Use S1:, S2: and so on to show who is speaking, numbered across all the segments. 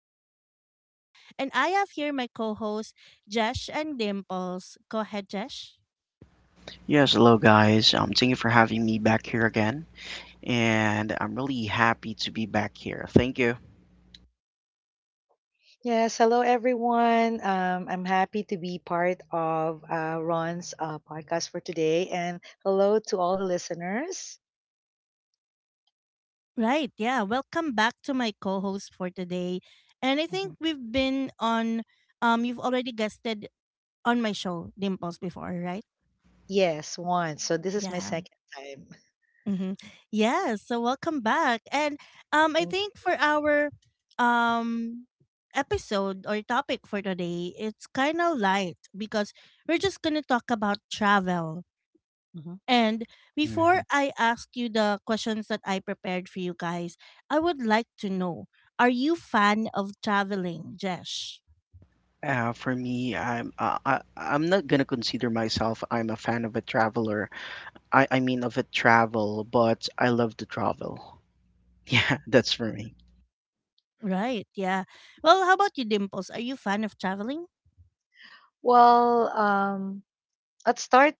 S1: your host, Ron, and I have here my co hosts, Jesh and Dimples. Go ahead, Jesh.
S2: Yes, hello guys. Thank you for having me back here again, and I'm really happy to be back here. Thank you.
S3: Yes, hello everyone. I'm happy to be part of Ron's podcast for today, and hello to all the listeners.
S1: Right. Yeah. Welcome back to my co host for today. And I think
S3: Mhm.
S1: we've been on, you've already guested on my show, Dimples, before, right?
S3: Yes, once. So this is my
S1: Yeah.
S3: second time.
S1: Mm-hmm. Yes. So welcome back. And I
S3: Thank
S1: think for our um episode or topic for today, it's kind of light because we're just going to talk about travel.
S3: you. Mhm.
S1: And before
S2: Mhm.
S1: I ask you the questions that I prepared for you guys, I would like to know, are you fan of traveling, Jesh?
S2: For me, I'm I I'm not gonna consider myself I'm a fan of a traveler. I mean of a travel, but I love to travel. Yeah, that's for me.
S1: Right. Yeah. Well, how about you Dimples? Are you fan of traveling?
S3: Well, at start,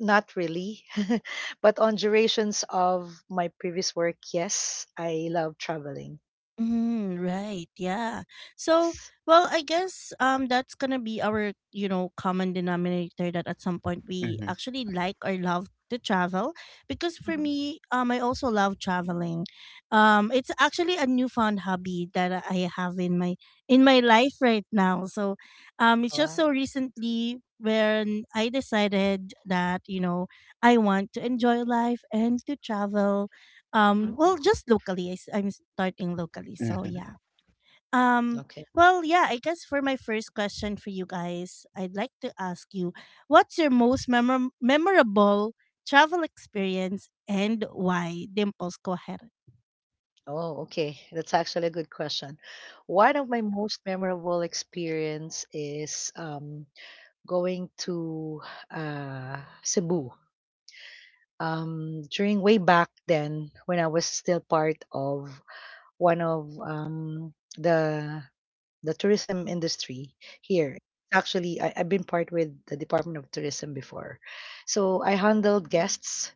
S3: not really, but on durations of my previous work, yes, I love traveling.
S1: Mm, right. Yeah. So,
S3: Yes.
S1: well, I guess that's going to be our, common denominator that at some point we
S2: Mm-hmm.
S1: actually like or love to travel because for
S3: Mhm.
S1: me, I also love traveling. It's actually a newfound hobby that I have in my life right now. So, it's just
S3: Wow.
S1: so recently when I decided that, I want to enjoy life and to travel well just locally. I'm starting locally, so
S2: Mm-hmm.
S1: yeah. um
S3: Mhm.
S1: yeah, I guess for my first question for you guys, I'd like to ask you, what's your most memorable travel experience and why? Dimples, go ahead.
S3: Oh, okay. That's actually a good question. One of my most memorable experience is going to uh, Cebu. During way back then, when I was still part of one of the tourism industry here. Actually, I've been part with the Department of Tourism before, so I handled guests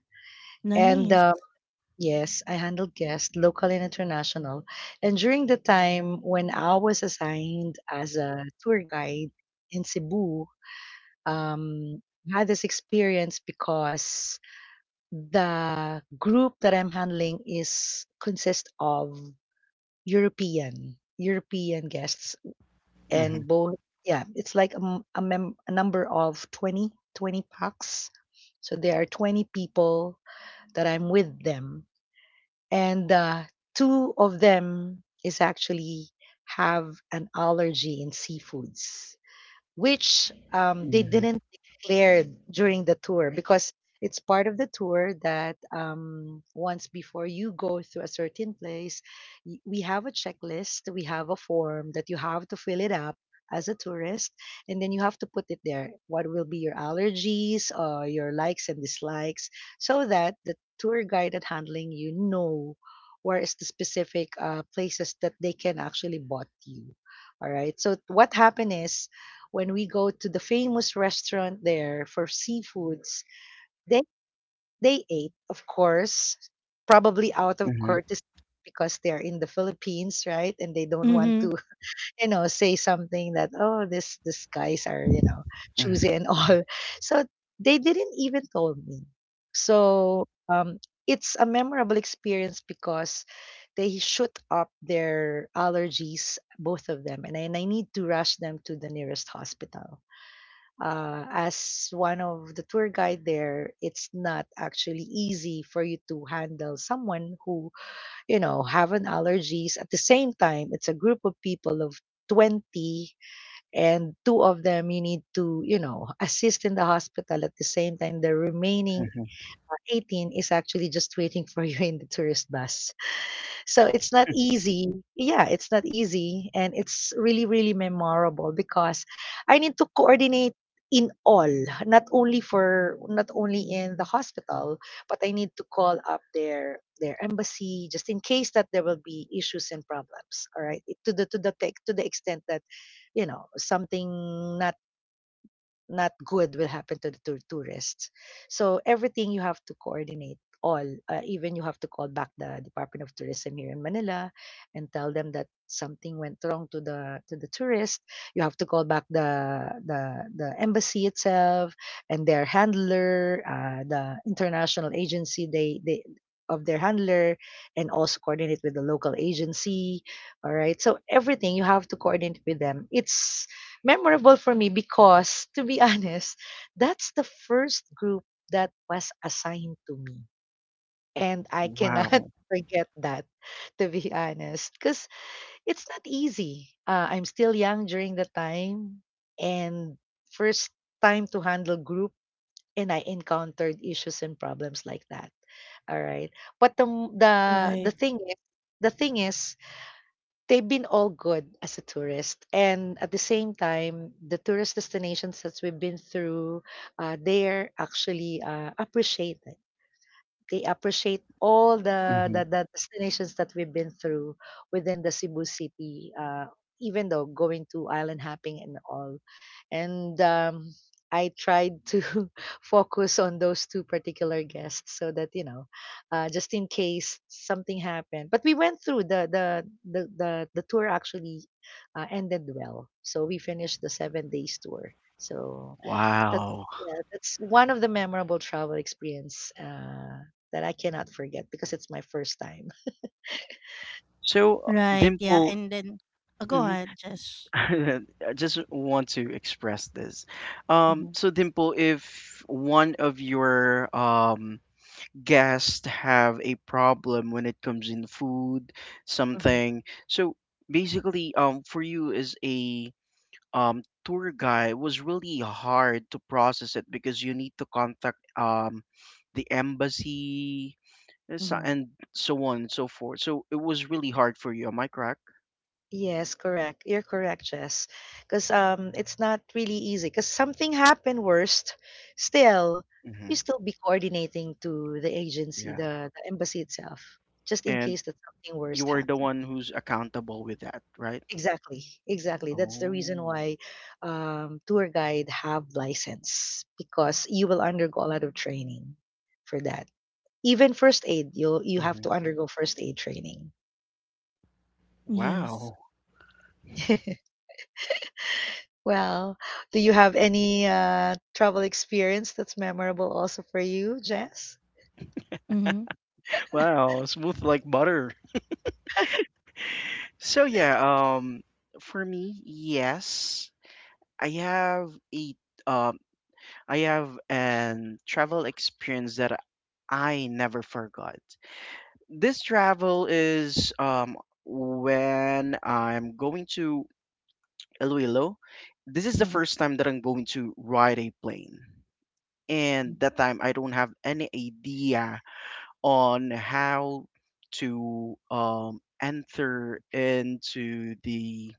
S3: and
S1: Nice.
S3: yes, I handled guests, local and international. And during the time when I was assigned as a tour guide in Cebu, um, I had this experience because the group that I'm handling is consists of European guests
S2: Mm-hmm.
S3: and both yeah, it's like a, m- a, mem- a number of 20 20 packs, so there are 20 people that I'm with them, and two of them is actually have an allergy in seafoods, which they
S2: Mm-hmm.
S3: didn't declare during the tour because it's part of the tour that once before you go to a certain place, we have a checklist, we have a form that you have to fill it up as a tourist, and then you have to put it there. What will be your allergies, your likes and dislikes, so that the tour guide that handling where is the specific places that they can actually bot you. All right. So what happened is, when we go to the famous restaurant there for seafoods, they they ate, of course, probably out of
S2: Mm-hmm.
S3: courtesy because they're in the Philippines, right? And they don't want
S1: Mm-hmm.
S3: to, say something that, oh, this these guys are,
S2: Mm-hmm.
S3: choosy and all. So they didn't even told me. So it's a memorable experience because they shoot up their allergies, both of them, and I need to rush them to the nearest hospital. As one of the tour guide there, it's not actually easy for you to handle someone who, have an allergies. At the same time, it's a group of people of 20, and two of them you need to, assist in the hospital at the same time. The remaining
S2: Mm-hmm.
S3: 18 is actually just waiting for you in the tourist bus. So it's not easy. Yeah, it's not easy. And it's really, really memorable because I need to coordinate in all, not only for not only in the hospital, but I need to call up their embassy just in case that there will be issues and problems. All right. It- to the tech to the extent that, something not not good will happen to the tourists. So everything you have to coordinate all, even you have to call back the Department of Tourism here in Manila and tell them that something went wrong to the tourist. You have to call back the embassy itself, and their handler, the international agency, they of their handler, and also coordinate with the local agency. All right, so everything you have to coordinate with them. It's memorable for me because, to be honest, that's the first group that was assigned to me. And I cannot
S2: Wow.
S3: forget that, to be honest, because it's not easy. I'm still young during the time, and first time to handle group, and I encountered issues and problems like that. All right, but the the
S1: Right.
S3: thing is, the thing is, they've been all good as a tourist, and at the same time the tourist destinations that we've been through, they're actually appreciated they appreciate all the,
S2: Mm-hmm.
S3: the the destinations that we've been through within the Cebu City. Even though going to island hopping and all, and I tried to focus on those two particular guests so that, just in case something happened. But we went through the tour, actually ended well, so we finished the 7 days tour. So that's
S2: Wow.
S3: yeah, that's one of the memorable travel experience, that I cannot forget because it's my first time.
S2: So,
S1: Right. Yeah,
S2: Dimple.
S1: and then go
S2: Mhm.
S1: ahead, Josh.
S2: I just want to express this. Um,
S3: Hmm.
S2: so Dimple, if one of your guests have a problem when it comes in food,
S3: Hmm.
S2: something, so basically, for you as a tour guide, it was really hard to process it because you need to contact the embassy and
S3: Hmm.
S2: so on and so forth. So it was really hard for you. Am I correct?
S3: Yes, correct. You're correct, Jess. Because it's not really easy. Because something happened worst, still, you
S2: Hmm.
S3: still be coordinating to the agency,
S2: Yeah.
S3: the embassy itself, just in
S2: And
S3: case that something worst
S2: you are the
S3: happened.
S2: one who's accountable with that, right?
S3: Exactly, exactly. That's the reason
S2: Oh.
S3: why tour guide have license, because you will undergo a lot of training for that. Even first aid, you have
S2: Hmm.
S3: to undergo first aid training.
S1: Yes.
S2: Wow.
S3: Well, do you have any travel experience that's memorable also for you, Jess?
S1: Mm-hmm.
S2: Wow, smooth like butter. So yeah, for me, yes, I have a um I have an travel experience that I never forgot. This travel is when I'm going to Iloilo. This is the
S3: Hmm.
S2: first time that I'm going to ride a plane. And that time I don't have any idea on how to enter into the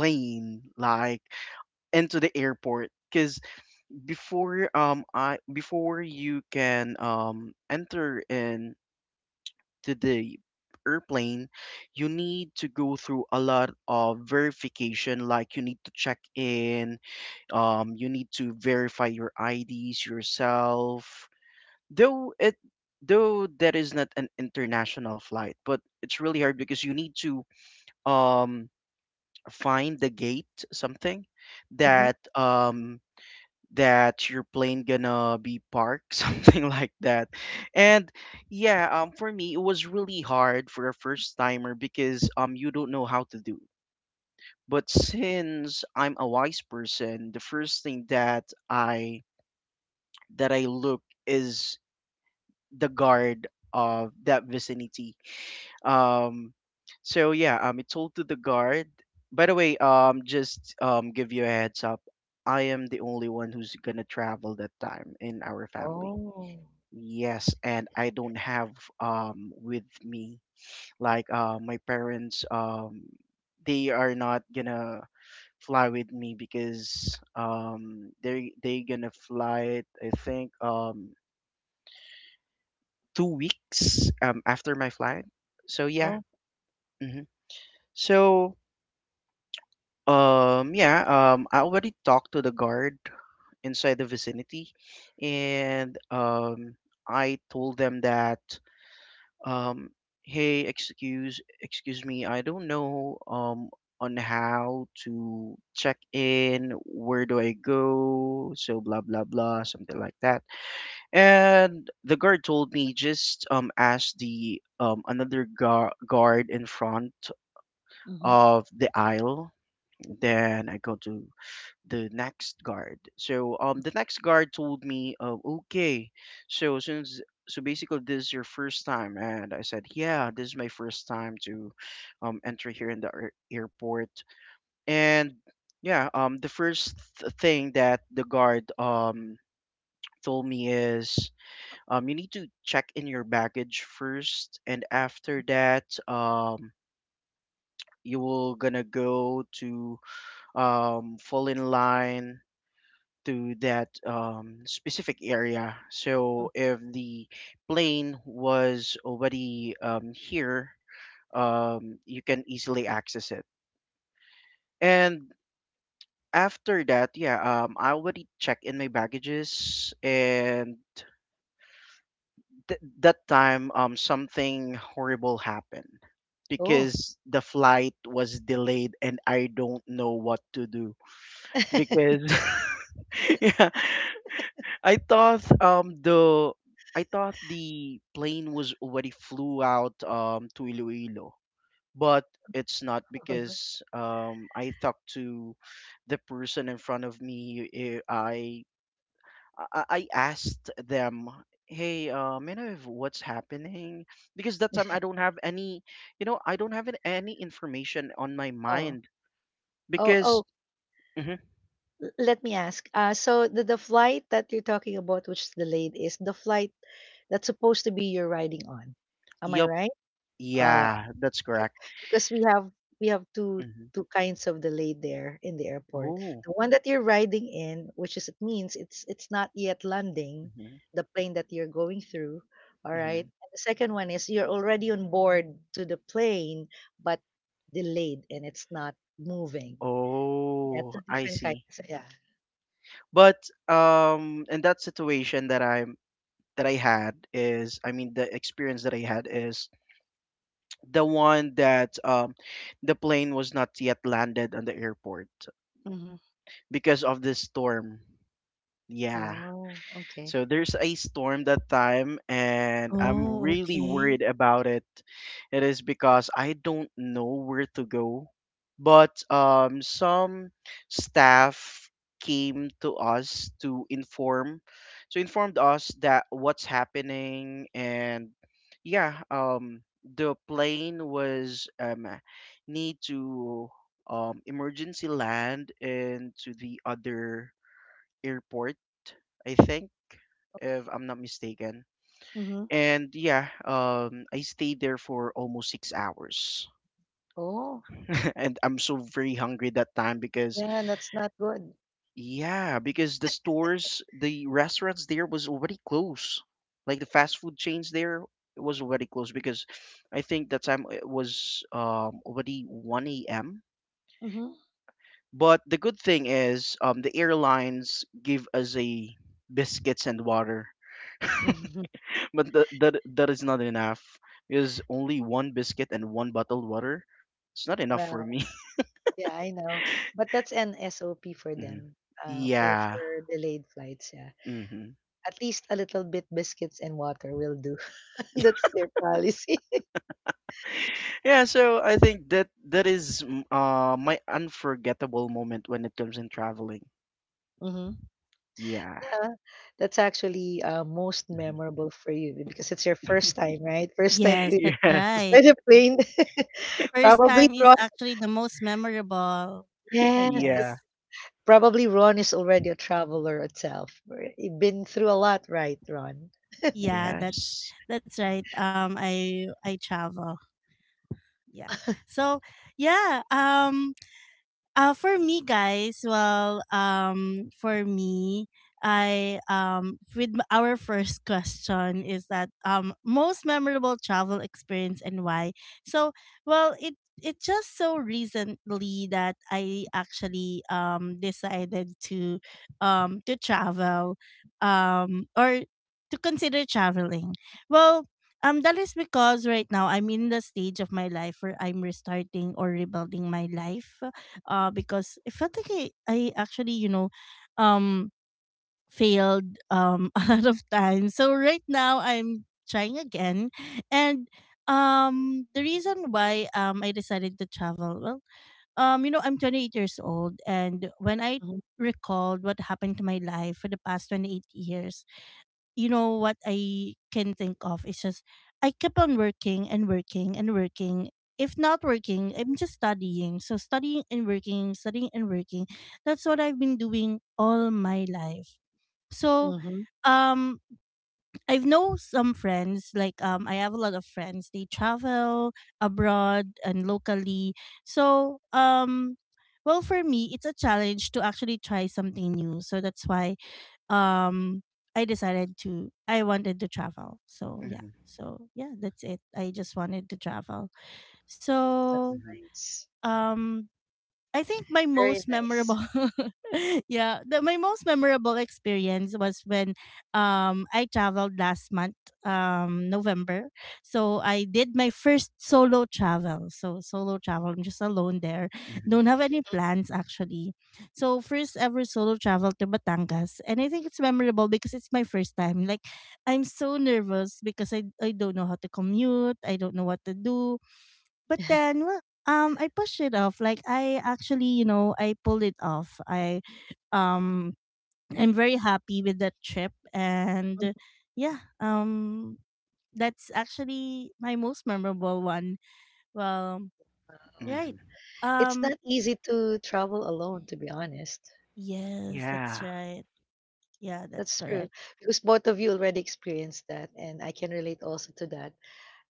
S2: plane, like into the airport. Because before you can enter into the airplane, you need to go through a lot of verification. Like you need to check in, you need to verify your IDs yourself though it though that is not an international flight, but it's really hard because you need to um find the gate, something that um that your plane gonna be parked something like that. And yeah, for me it was really hard for a first timer because you don't know how to do. But since I'm a wise person, the first thing that I look is the guard of that vicinity. Um, so yeah, it's all to the guard. By the way, just give you a heads up. I am the only one who's gonna travel that time in our family.
S3: Oh.
S2: Yes, and I don't have with me like my parents. They are not gonna fly with me because they gonna fly it I think two weeks after my flight. So yeah.
S3: Oh,
S2: Hmm. So yeah, I already talked to the guard inside the vicinity, and I told them that, um, hey, excuse me, I don't know, on how to check in, where do I go, so blah blah blah, something like that. And the guard told me just ask the another gu guard in front
S3: mhm,
S2: of the aisle. Then I go to the next guard. So the next guard told me, okay, so since so basically this is your first time, and I said, yeah, this is my first time to enter here in the airport, and yeah, the first thing that the guard told me is you need to check in your baggage first, and after that you will gonna go to fall in line to that specific area.
S3: mm.
S2: So if the plane was already here, you can easily access it. And after that, yeah, I already checked in my baggages, and that time, something horrible happened
S3: Oh.
S2: because the flight was delayed, and I don't know what to do because yeah, I thought um the I thought the plane was already flew out to Iloilo, but it's not
S3: Mhm.
S2: because I talked to the person in front of me. I asked them, hey, you know if what's happening, because that time I don't have any, you know, I don't have any information on my
S3: Oh.
S2: mind
S3: Oh,
S2: because
S3: oh,
S2: mhm,
S3: l let me ask, so the flight that you're talking about, which is delayed, is the flight that's supposed to be you're riding on. Am I
S2: yup,
S3: right?
S2: yeah, that's
S3: Market.
S2: correct.
S3: Because we have two
S2: Hmm.
S3: two kinds of delay there in the airport.
S2: Oh.
S3: The one that you're riding in, which is, it means it's not yet landing, the plane that you're going through. All right.
S2: Hmm.
S3: And the second one is you're already on board to the plane, but delayed and it's not moving. Yeah,
S2: Oh,
S3: two
S2: I
S3: different kinds.
S2: see.
S3: Yeah.
S2: But in that situation that I had is, I mean, the experience that I had is the one that the plane was not yet landed on the airport
S3: Mm-hmm.
S2: because of the storm. Yeah.
S3: Oh,
S2: So
S3: okay.
S2: there's a storm that time, and I'm
S1: Oh,
S2: really
S1: okay.
S2: worried about it. It is because I don't know where to go. But some staff came to us to inform, so informed us that what's happening, and yeah, the plane was need to emergency land into the other airport, I think, if
S3: Okay.
S2: I'm not mistaken.
S3: Mm-hmm.
S2: And yeah, I stayed there for almost six hours,
S3: Oh,
S2: and I'm so very hungry that time because
S3: yeah, that's not good.
S2: yeah, because the stores, the restaurants there was already closed. Like the fast food chains there was already closed because I think that time it was already 1 a.m.
S3: Mm-hmm.
S2: But the good thing is the airlines give us a biscuits and water. But that is not enough. Because only one biscuit and one bottled water, it's not enough for
S3: Well,
S2: me.
S3: yeah, I know. But that's an SOP for
S2: Hmm.
S3: them. For
S2: Yeah.
S3: for delayed flights, yeah.
S2: Hmm.
S3: At least a little bit biscuits and water will do. That's their policy.
S2: Yeah. So I think that that is mm, my unforgettable moment when it comes in traveling.
S3: Hmm.
S2: Yeah.
S3: Yeah, that's actually most
S2: hmm
S3: memorable for you because it's your first time, right? First time
S1: Yes,
S3: to
S1: that's
S2: Yes.
S1: right.
S3: fly the plane.
S1: First
S3: Probably
S1: time is
S3: Ron.
S1: actually the most memorable, I
S3: Yes, that's
S2: Yeah.
S1: guess.
S3: probably Ron is already a traveler itself. Right? You've been through a lot, right, Ron?
S1: Yeah, that's
S2: Yes.
S1: that's right. I travel. Yeah. So, yeah, for me, guys, well, for me, I our first question is that most memorable travel experience and why. So, well, it just so recently that I actually decided to travel or to consider traveling. Well, that is because right now I'm in the stage of my life where I'm restarting or rebuilding my life, because it felt like I actually, um, failed a lot of times. So right now I'm trying again. And the reason why I decided to travel, well, I'm 28 years old, and when I
S3: Mm-hmm.
S1: recalled what happened to my life for the past 28 years, you know what I can think of is just I kept on working and working and working. If not working, I'm just studying. So studying and working, studying and working. That's what I've been doing all my life. So
S3: Mm-hmm.
S1: um I've know some friends, like I have a lot of friends. They travel abroad and locally. So for me it's a challenge to actually try something new. So that's why um I wanted to travel. So
S2: Hmm.
S1: yeah. So yeah, that's it. I just wanted to travel.
S3: That's
S1: So
S2: Hmm.
S3: nice.
S1: um I think my
S3: Very
S1: most
S3: nice.
S1: memorable, yeah, my most memorable experience was when I traveled last month, November. So I did my first solo travel. So solo travel, I'm just alone there.
S2: Hmm.
S1: Don't have any plans actually. So first ever solo travel to Batangas, and I think it's memorable because it's my first time. Like, I'm so nervous because I don't know how to commute, I don't know what to do, but then, well, I pushed it off. Like, I actually, I pulled it off. Um I'm very happy with that trip,
S3: Mhm.
S1: and yeah, that's actually my most memorable one. Well,
S3: Oh.
S1: right.
S2: Hmm.
S3: It's
S1: Um
S3: not easy to travel alone, to be honest.
S1: yes, that's
S2: Yeah.
S1: right. Yeah, that's
S3: That's true.
S1: correct.
S3: Because both of you already experienced that, and I can relate also to that.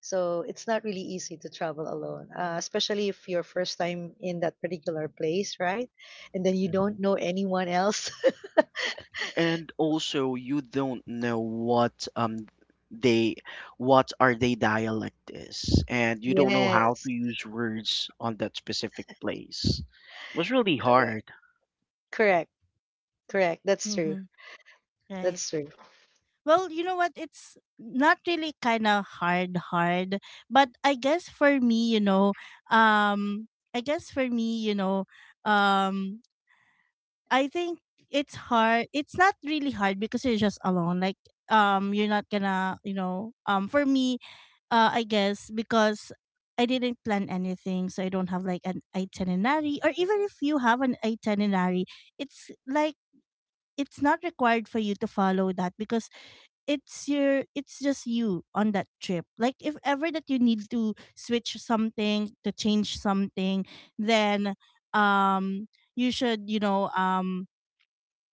S3: So it's not really easy to travel alone, especially if you're first time in that particular place, right? And then you
S2: Mm-hmm.
S3: don't know anyone else.
S2: And also you don't know what they what are they dialect is, and you don't know how
S3: Yes,
S2: to use words on that specific place. It was really
S3: correct,
S2: hard.
S3: correct, correct. That's true.
S1: Mm-hmm. Right.
S3: That's true.
S1: Well, you know what? It's not really kind of hard, hard. But I guess for me, um, I guess for me, um, I think it's hard. It's not really hard because you're just alone. Like, you're not gonna, for me, I guess because I didn't plan anything, so I don't have like an itinerary. Or even if you have an itinerary, it's like it's not required for you to follow that because it's just you on that trip. Like, if ever that you need to switch something, to change something, then um you should,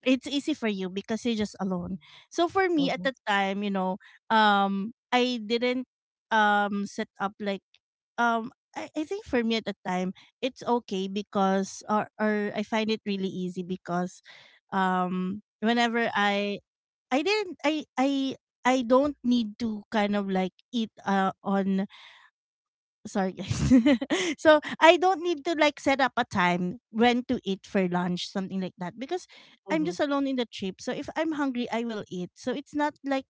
S1: it's easy for you because you're just alone. So for me at
S3: Mm-hmm.
S1: the time, I didn't set up, like, I think for me at the time it's okay because or I find it really easy because whenever I didn't I don't need to kind of like eat on, sorry guys. So I don't need to like set up a time when to eat for lunch, something like that. Because I'm
S3: Mm-hmm.
S1: just alone in the trip. So if I'm hungry I will eat. So it's not like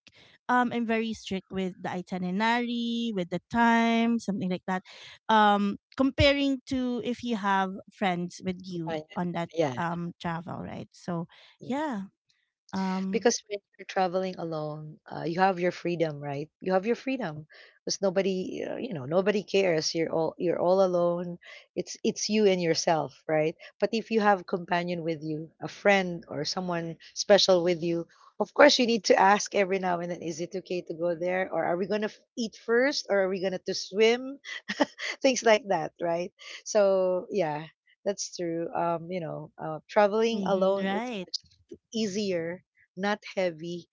S1: I'm very strict with the itinerary, with the time, something like that. Comparing to if you have friends with you on that
S3: Yeah,
S1: travel, right? So
S3: yeah.
S1: yeah. Um
S3: Because when you're traveling alone, you have your freedom, right? You have your freedom because nobody, nobody cares. You're all alone. It's you and yourself, right? But if you have companion with you, a friend or someone special with you, of course you need to ask every now and then, is it okay to go there, or are we gonna eat first, or are we gonna to swim, things like that, right? So yeah, that's true. Traveling
S1: mhm,
S3: alone is
S1: right.
S3: much easier, not heavy,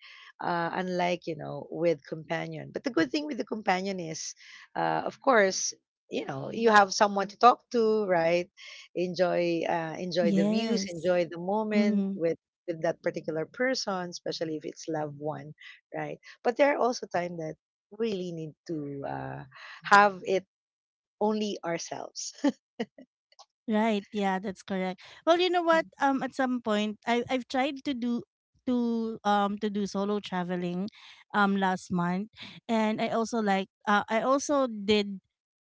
S3: unlike with companion. But the good thing with the companion is, of course, you have someone to talk to, right? Enjoy the views,
S1: Yes.
S3: enjoy the moment
S1: Mm-hmm.
S3: with that particular person, especially if it's loved one, right? But there are also time that we really need to, have it only ourselves.
S1: Right. Yeah, that's correct. Well, you know what?
S3: Ừm.
S1: At some point, I've tried to do solo traveling, last month, and I also did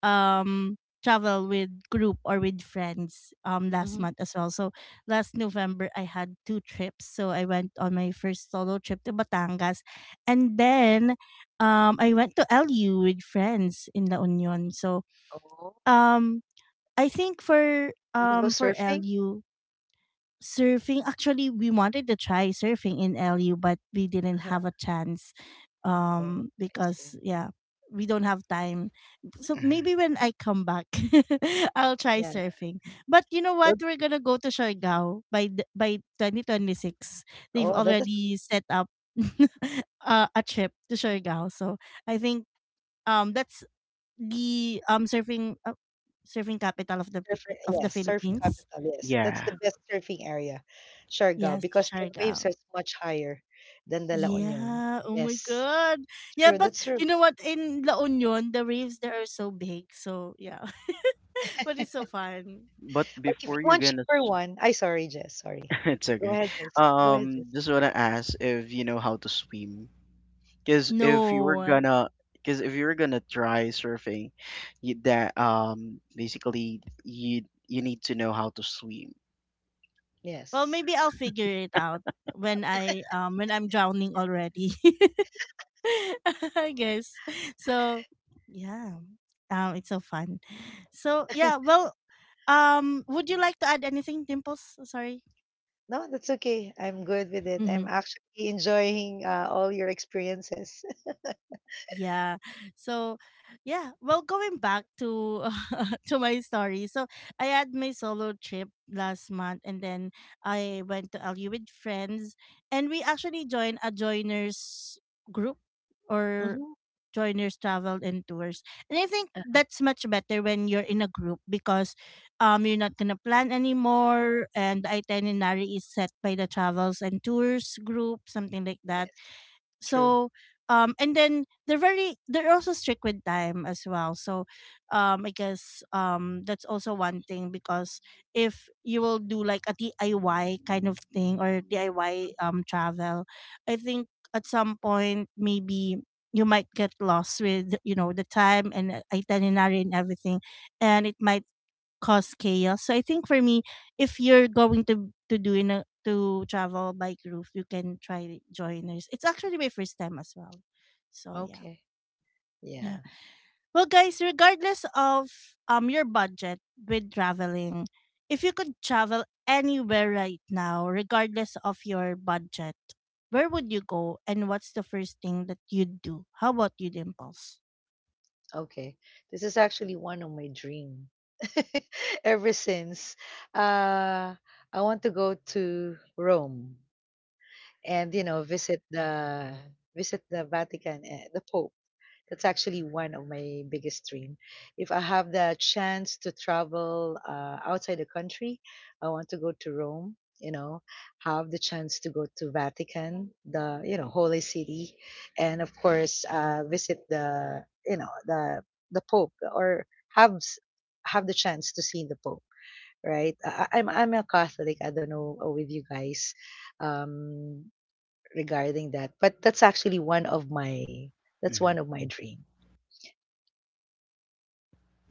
S1: um travel with group or with friends last
S3: Mhm.
S1: month as well. So last November I had two trips. So I went on my first solo trip to Batangas, and then I went to LU with friends in La Union. So
S3: Oh,
S1: um I think for
S3: you go surfing?
S1: LU, surfing, actually we wanted to try surfing in LU but we didn't
S3: Uh-huh.
S1: have a chance,
S3: Oh, I
S1: because,
S3: see.
S1: yeah, we don't have time. So maybe
S2: Mhm.
S1: when I come back I'll try
S3: Yeah.
S1: surfing. But you know what,
S3: Well,
S1: we're gonna go to Siargao by 2026. They've
S3: oh, that is
S1: already set up a trip to Siargao, so I think that's the, surfing surfing capital of
S3: surfing.
S1: of the
S3: Yes, surfing
S1: Philippines.
S3: capital, yes.
S2: Yeah,
S3: That's the best surfing area, Siargao,
S1: Yes,
S3: because their waves are
S1: Siargao.
S3: much higher than the La Union.
S1: Yeah. Oh my
S3: Yes.
S1: God. Yeah,
S3: True,
S1: but
S3: that's true.
S1: you know what? In La Union, the waves there are so big. So yeah, but it's so fun.
S2: but
S3: But if you
S2: before
S1: Yeah.
S2: you're
S3: want
S2: gonna
S3: cheaper one, I sorry, Jess, sorry.
S2: it's
S3: Go
S2: okay.
S3: ahead, Jess. Go ahead, Jess.
S2: Just want to ask if you know how to swim, because if you were
S1: No.
S2: gonna because if you were gonna try surfing, that basically you need to know how to swim.
S1: Well,
S3: Yes.
S1: maybe I'll figure it out when I'm drowning already. I guess. So, yeah. It's so fun. So, yeah, well, would you like to add anything, Dimples? Sorry.
S3: No, that's okay. I'm good with it.
S1: Mm-hmm.
S3: I'm actually enjoying, all your experiences.
S1: Yeah. So, yeah, well, going back to to my story. So, I had my solo trip last month, and then I went to LU with friends, and we actually joined a joiners group, or
S3: Hmm.
S1: joiners travel and tours, and I think that's much better when you're in a group because you're not gonna plan anymore, and the itinerary is set by the travels and tours group, something like that.
S3: Yes. True.
S1: So and then they're also strict with time as well. So I guess that's also one thing because if you will do like a DIY kind of thing, or DIY travel, I think at some point maybe you might get lost with, the time and, itinerary and everything, and it might cause chaos. So I think for me, if you're going to do, in a to travel bike roof, you can try joiners. It's actually my first time as well. So yeah.
S3: Okay.
S1: Yeah.
S3: Yeah.
S1: Well guys, regardless of your budget with traveling, if you could travel anywhere right now, regardless of your budget, where would you go and what's the first thing that you'd do? How about you, Dimples?
S3: Okay. This is actually one of my dream. Ever since, uh, I want to go to Rome, and visit the Vatican, the Pope. That's actually one of my biggest dream. If I have the chance to travel outside the country, I want to go to Rome. Have the chance to go to Vatican, the Holy City, and of course, visit the Pope or have s- have the chance to see the Pope. Right? I'm a Catholic. I don't know, with you guys, um, regarding that, but that's actually
S2: Mhm.
S3: one of my dream.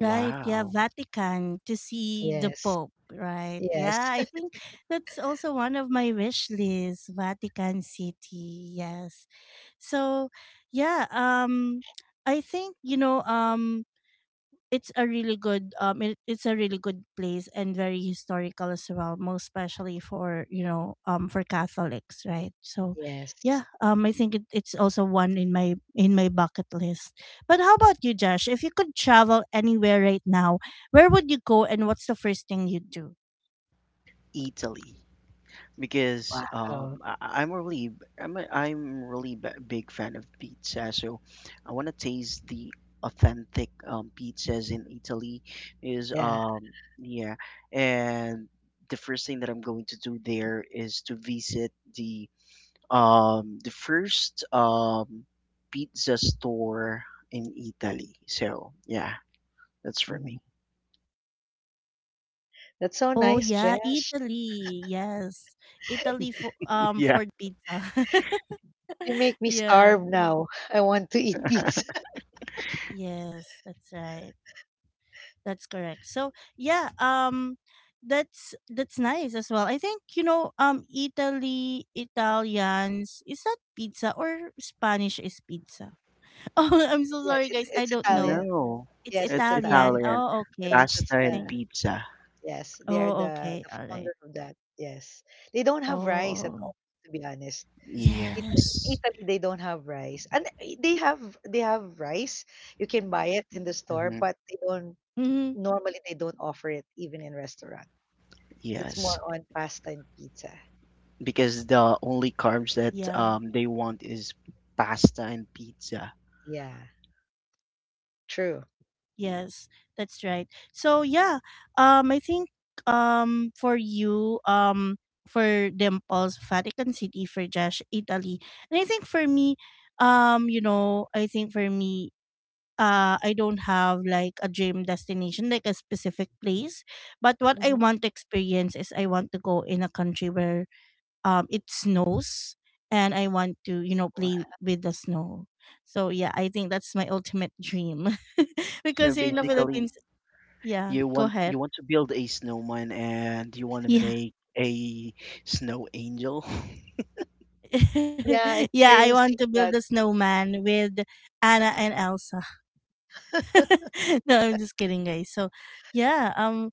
S1: Right, yeah, Vatican to see the
S3: Yes.
S1: Pope, right?
S3: Yes.
S1: Yeah, I think that's also one of my wish lists, Vatican City. Yes. So, yeah, I think, it's a really good it's a really good place, and very historical as well, most especially for, for Catholics, right? So yeah,
S3: Yes.
S1: I think it's also one in my bucket list. But how about you, Josh? If you could travel anywhere right now, where would you go and what's the first thing you'd do?
S2: Italy. Because
S3: Wow.
S2: I- I'm really b- I'm a, I'm really b- big fan of pizza, so I want to taste the authentic pizzas in Italy. Is
S3: Yeah.
S2: yeah, and the first thing that I'm going to do there is to visit the first pizza store in Italy. So yeah, that's for
S3: Mhm.
S2: me.
S3: That's so
S1: Oh,
S3: nice,
S1: yeah,
S3: Jesh.
S1: Italy. Yes, Italy for um for
S2: Yeah.
S1: the pizza.
S3: You make me
S1: Yeah.
S3: starve now. I want to eat pizza.
S1: Yes, that's right. That's correct. So yeah, that's nice as well. I think, Italy Italians is that pizza, or Spanish is pizza? Oh, I'm so
S3: Yes,
S1: sorry
S3: it's
S1: guys. I
S3: it's
S1: don't know.
S3: Italian.
S2: No,
S1: It's
S3: Yes,
S2: it's
S3: it's
S1: Italian.
S3: Italian.
S2: Italian.
S1: Oh, okay.
S3: That's
S2: Pasta and
S1: Think
S3: the
S2: pizza.
S3: Yes, they are
S1: oh
S3: the
S1: okay.
S3: the
S1: All right.
S3: founder of that. Yes. They don't have rice at
S1: Oh
S3: all, to be honest. It,
S1: yes.
S3: in
S2: Yes.
S3: Italy they don't have rice. And they have rice. You can buy it in the store,
S2: Hmm.
S3: but they don't
S1: Mm-hmm.
S3: normally they don't offer it even in restaurants. It's more
S2: Yes.
S3: on pasta and pizza.
S2: Because the only carbs
S1: Yeah.
S2: that they want is pasta and pizza.
S3: Yeah, true.
S1: Yes, that's right. So yeah, I think um for you um for Dimples, Vatican City, for Josh, Italy, and I think for me, I think for me, I don't have like a dream destination, like a specific place, but what I
S3: Hmm.
S1: want to experience is, I want to go in a country where it snows, and I want to,
S3: Wow.
S1: play with the snow. So yeah, I think that's my ultimate dream.
S2: So
S1: Because here in the
S3: Wow.
S2: basically
S1: Philippines, yeah,
S2: you
S1: go
S2: want,
S1: ahead.
S2: you want to build a snowman, and you want to
S1: Yeah.
S2: make a snow angel.
S3: Yeah,
S1: Yeah, I
S3: experiencing
S1: want to build
S3: that.
S1: a snowman with Anna and Elsa. No, I'm just kidding, guys. So, yeah,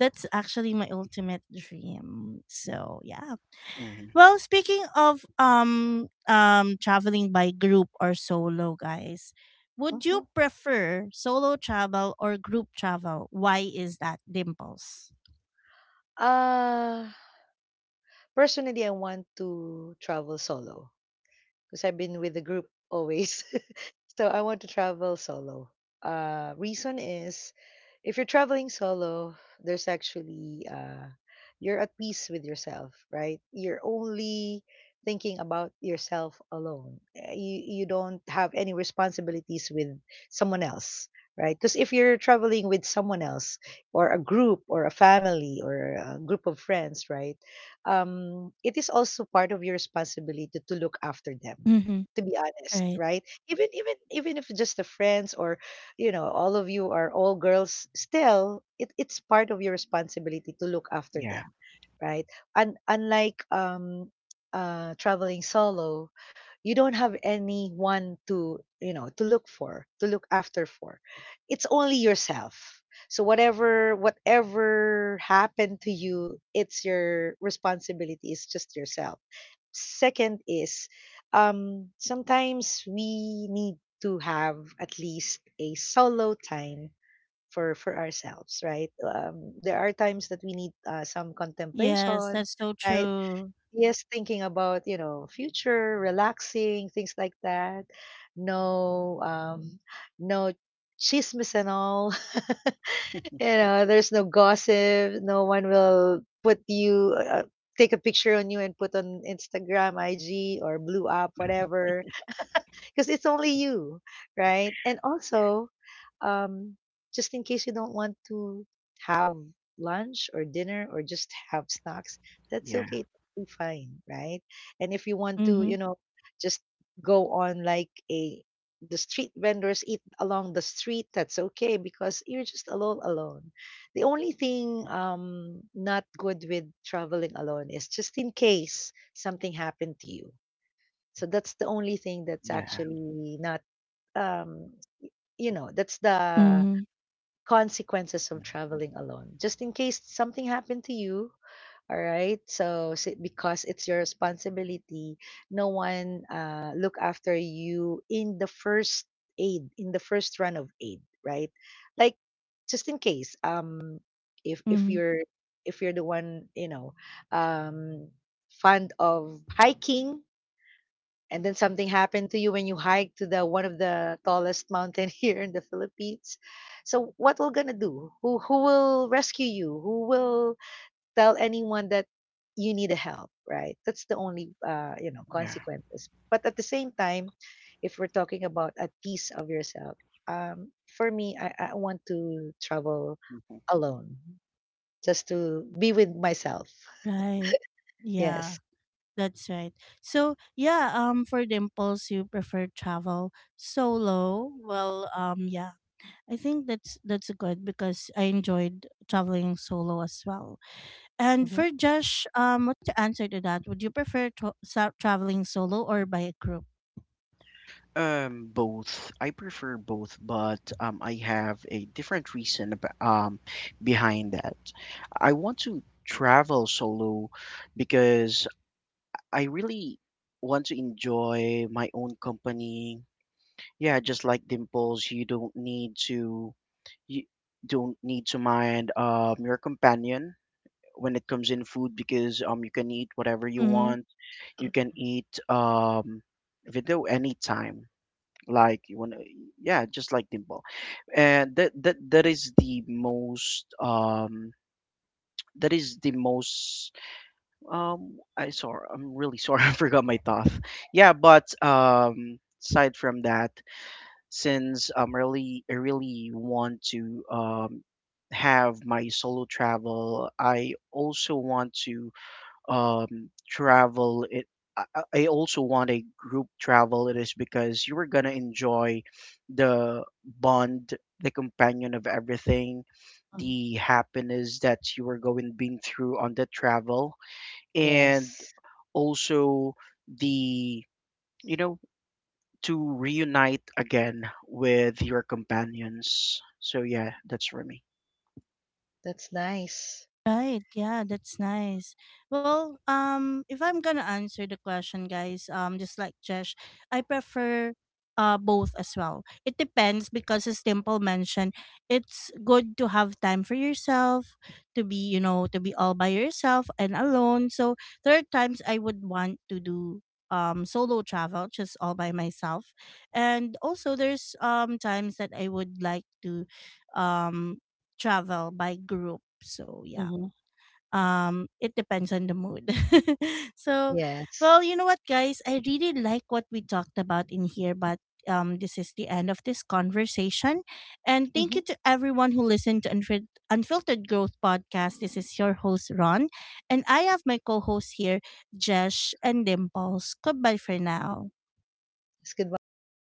S1: that's actually my ultimate dream. So, yeah.
S2: Hmm.
S1: Well, speaking of traveling by group or solo, guys, would you
S3: Mhm.
S1: prefer solo travel or group travel? Why is that, Dimples?
S3: Uh, Personally, I want to travel solo, because I've been with the group always. So I want to travel solo. Reason is, if you're traveling solo, there's actually, you're at peace with yourself, right? You're only thinking about yourself alone. You don't have any responsibilities with someone else, right? Because if you're traveling with someone else or a group or a family or a group of friends, right? It is also part of your responsibility to look after them,
S1: Mm-hmm.
S3: to be honest,
S1: Right.
S3: right? Even, if just the friends, or all of you are all girls, still it's part of your responsibility to look after
S2: Yeah.
S3: them, right? And unlike, traveling solo, you don't have anyone to, to look for, to look after for, it's only yourself. So whatever happened to you, it's your responsibility, it's just yourself. Second is, sometimes we need to have at least a solo time for ourselves, right? There are times that we need, some contemplation,
S1: Yes, that's so
S3: right?
S1: true.
S3: Yes, thinking about, future, relaxing, things like that. No, no chismes and all. There's no gossip. No one will put you, take a picture on you and put on Instagram, IG, or blew up, whatever, because it's only you, right? And also, um, just in case you don't want to have lunch or dinner or just have snacks, that's
S2: Yeah.
S3: okay, totally fine, right? And if you
S1: Mm-hmm.
S3: want to, just go on like a the street vendors, eat along the street, that's okay because you're just alone. The only thing not good with traveling alone is just in case something happened to you, so that's the only thing that's
S2: Yeah.
S3: actually not, um, that's the
S1: Mm-hmm.
S3: consequences of traveling alone. Just in case something happened to you, all right? So, because it's your responsibility, no one, look after you in the first aid, in the first run of aid, right? Like, just in case, if if
S1: Mm-hmm.
S3: you're if you're the one, um, fond of hiking, and then something happened to you when you hiked to the one of the tallest mountain here in the Philippines. So what we're gonna do? Who will rescue you? Who will tell anyone that you need a help? Right. That's the only,
S2: Yeah.
S3: consequences. But at the same time, if we're talking about a piece of yourself, for me, I want to travel
S2: Mhm.
S3: alone just to be with myself.
S1: Right. Yeah,
S3: Yes.
S1: that's right. So yeah, for Dimples, you prefer travel solo. Well, yeah. I think that's good because I enjoyed traveling solo as well. And
S3: Hmm.
S1: for Josh, what's your answer to that? Would you prefer traveling solo or by a group?
S2: Both. I prefer both, but I have a different reason ab behind that. I want to travel solo because I really want to enjoy my own company. Yeah, just like Dimples, you don't need to mind your companion when it comes in food because you can eat whatever you
S1: Mm-hmm.
S2: want. You can eat video anytime like you want to, yeah, just like Dimple. And that is the most that is the most I sorry, I'm really sorry, I forgot my thought. Yeah, but aside from that, since I'm really I really want to have my solo travel, I also want to travel it I also want a group travel. It is because you are gonna enjoy the bond, the companion of everything, the happiness that you are going being through on the travel, and
S3: Yes,
S2: also the, you know, to reunite again with your companions. So yeah, that's for me.
S3: that's nice.
S1: Right, yeah, that's nice. Well, if I'm gonna answer the question, guys, just like Jesh, I prefer both as well. It depends because, as Dimple mentioned, it's good to have time for yourself, to be all by yourself and alone. So there are times I would want to do solo travel just all by myself. And also there's times that I would like to um travel by group. So yeah.
S3: Mm-hmm.
S1: It depends on the mood. So
S3: Yes.
S1: well, you know what guys, I really like what we talked about in here, but this is the end of this conversation. And thank
S3: Mhm.
S1: you to everyone who listened to Unfiltered Growth podcast. This is your host Ron, and I have my co-host here, Jesh and Dimples. Goodbye for now.
S3: Yes, goodbye, everyone.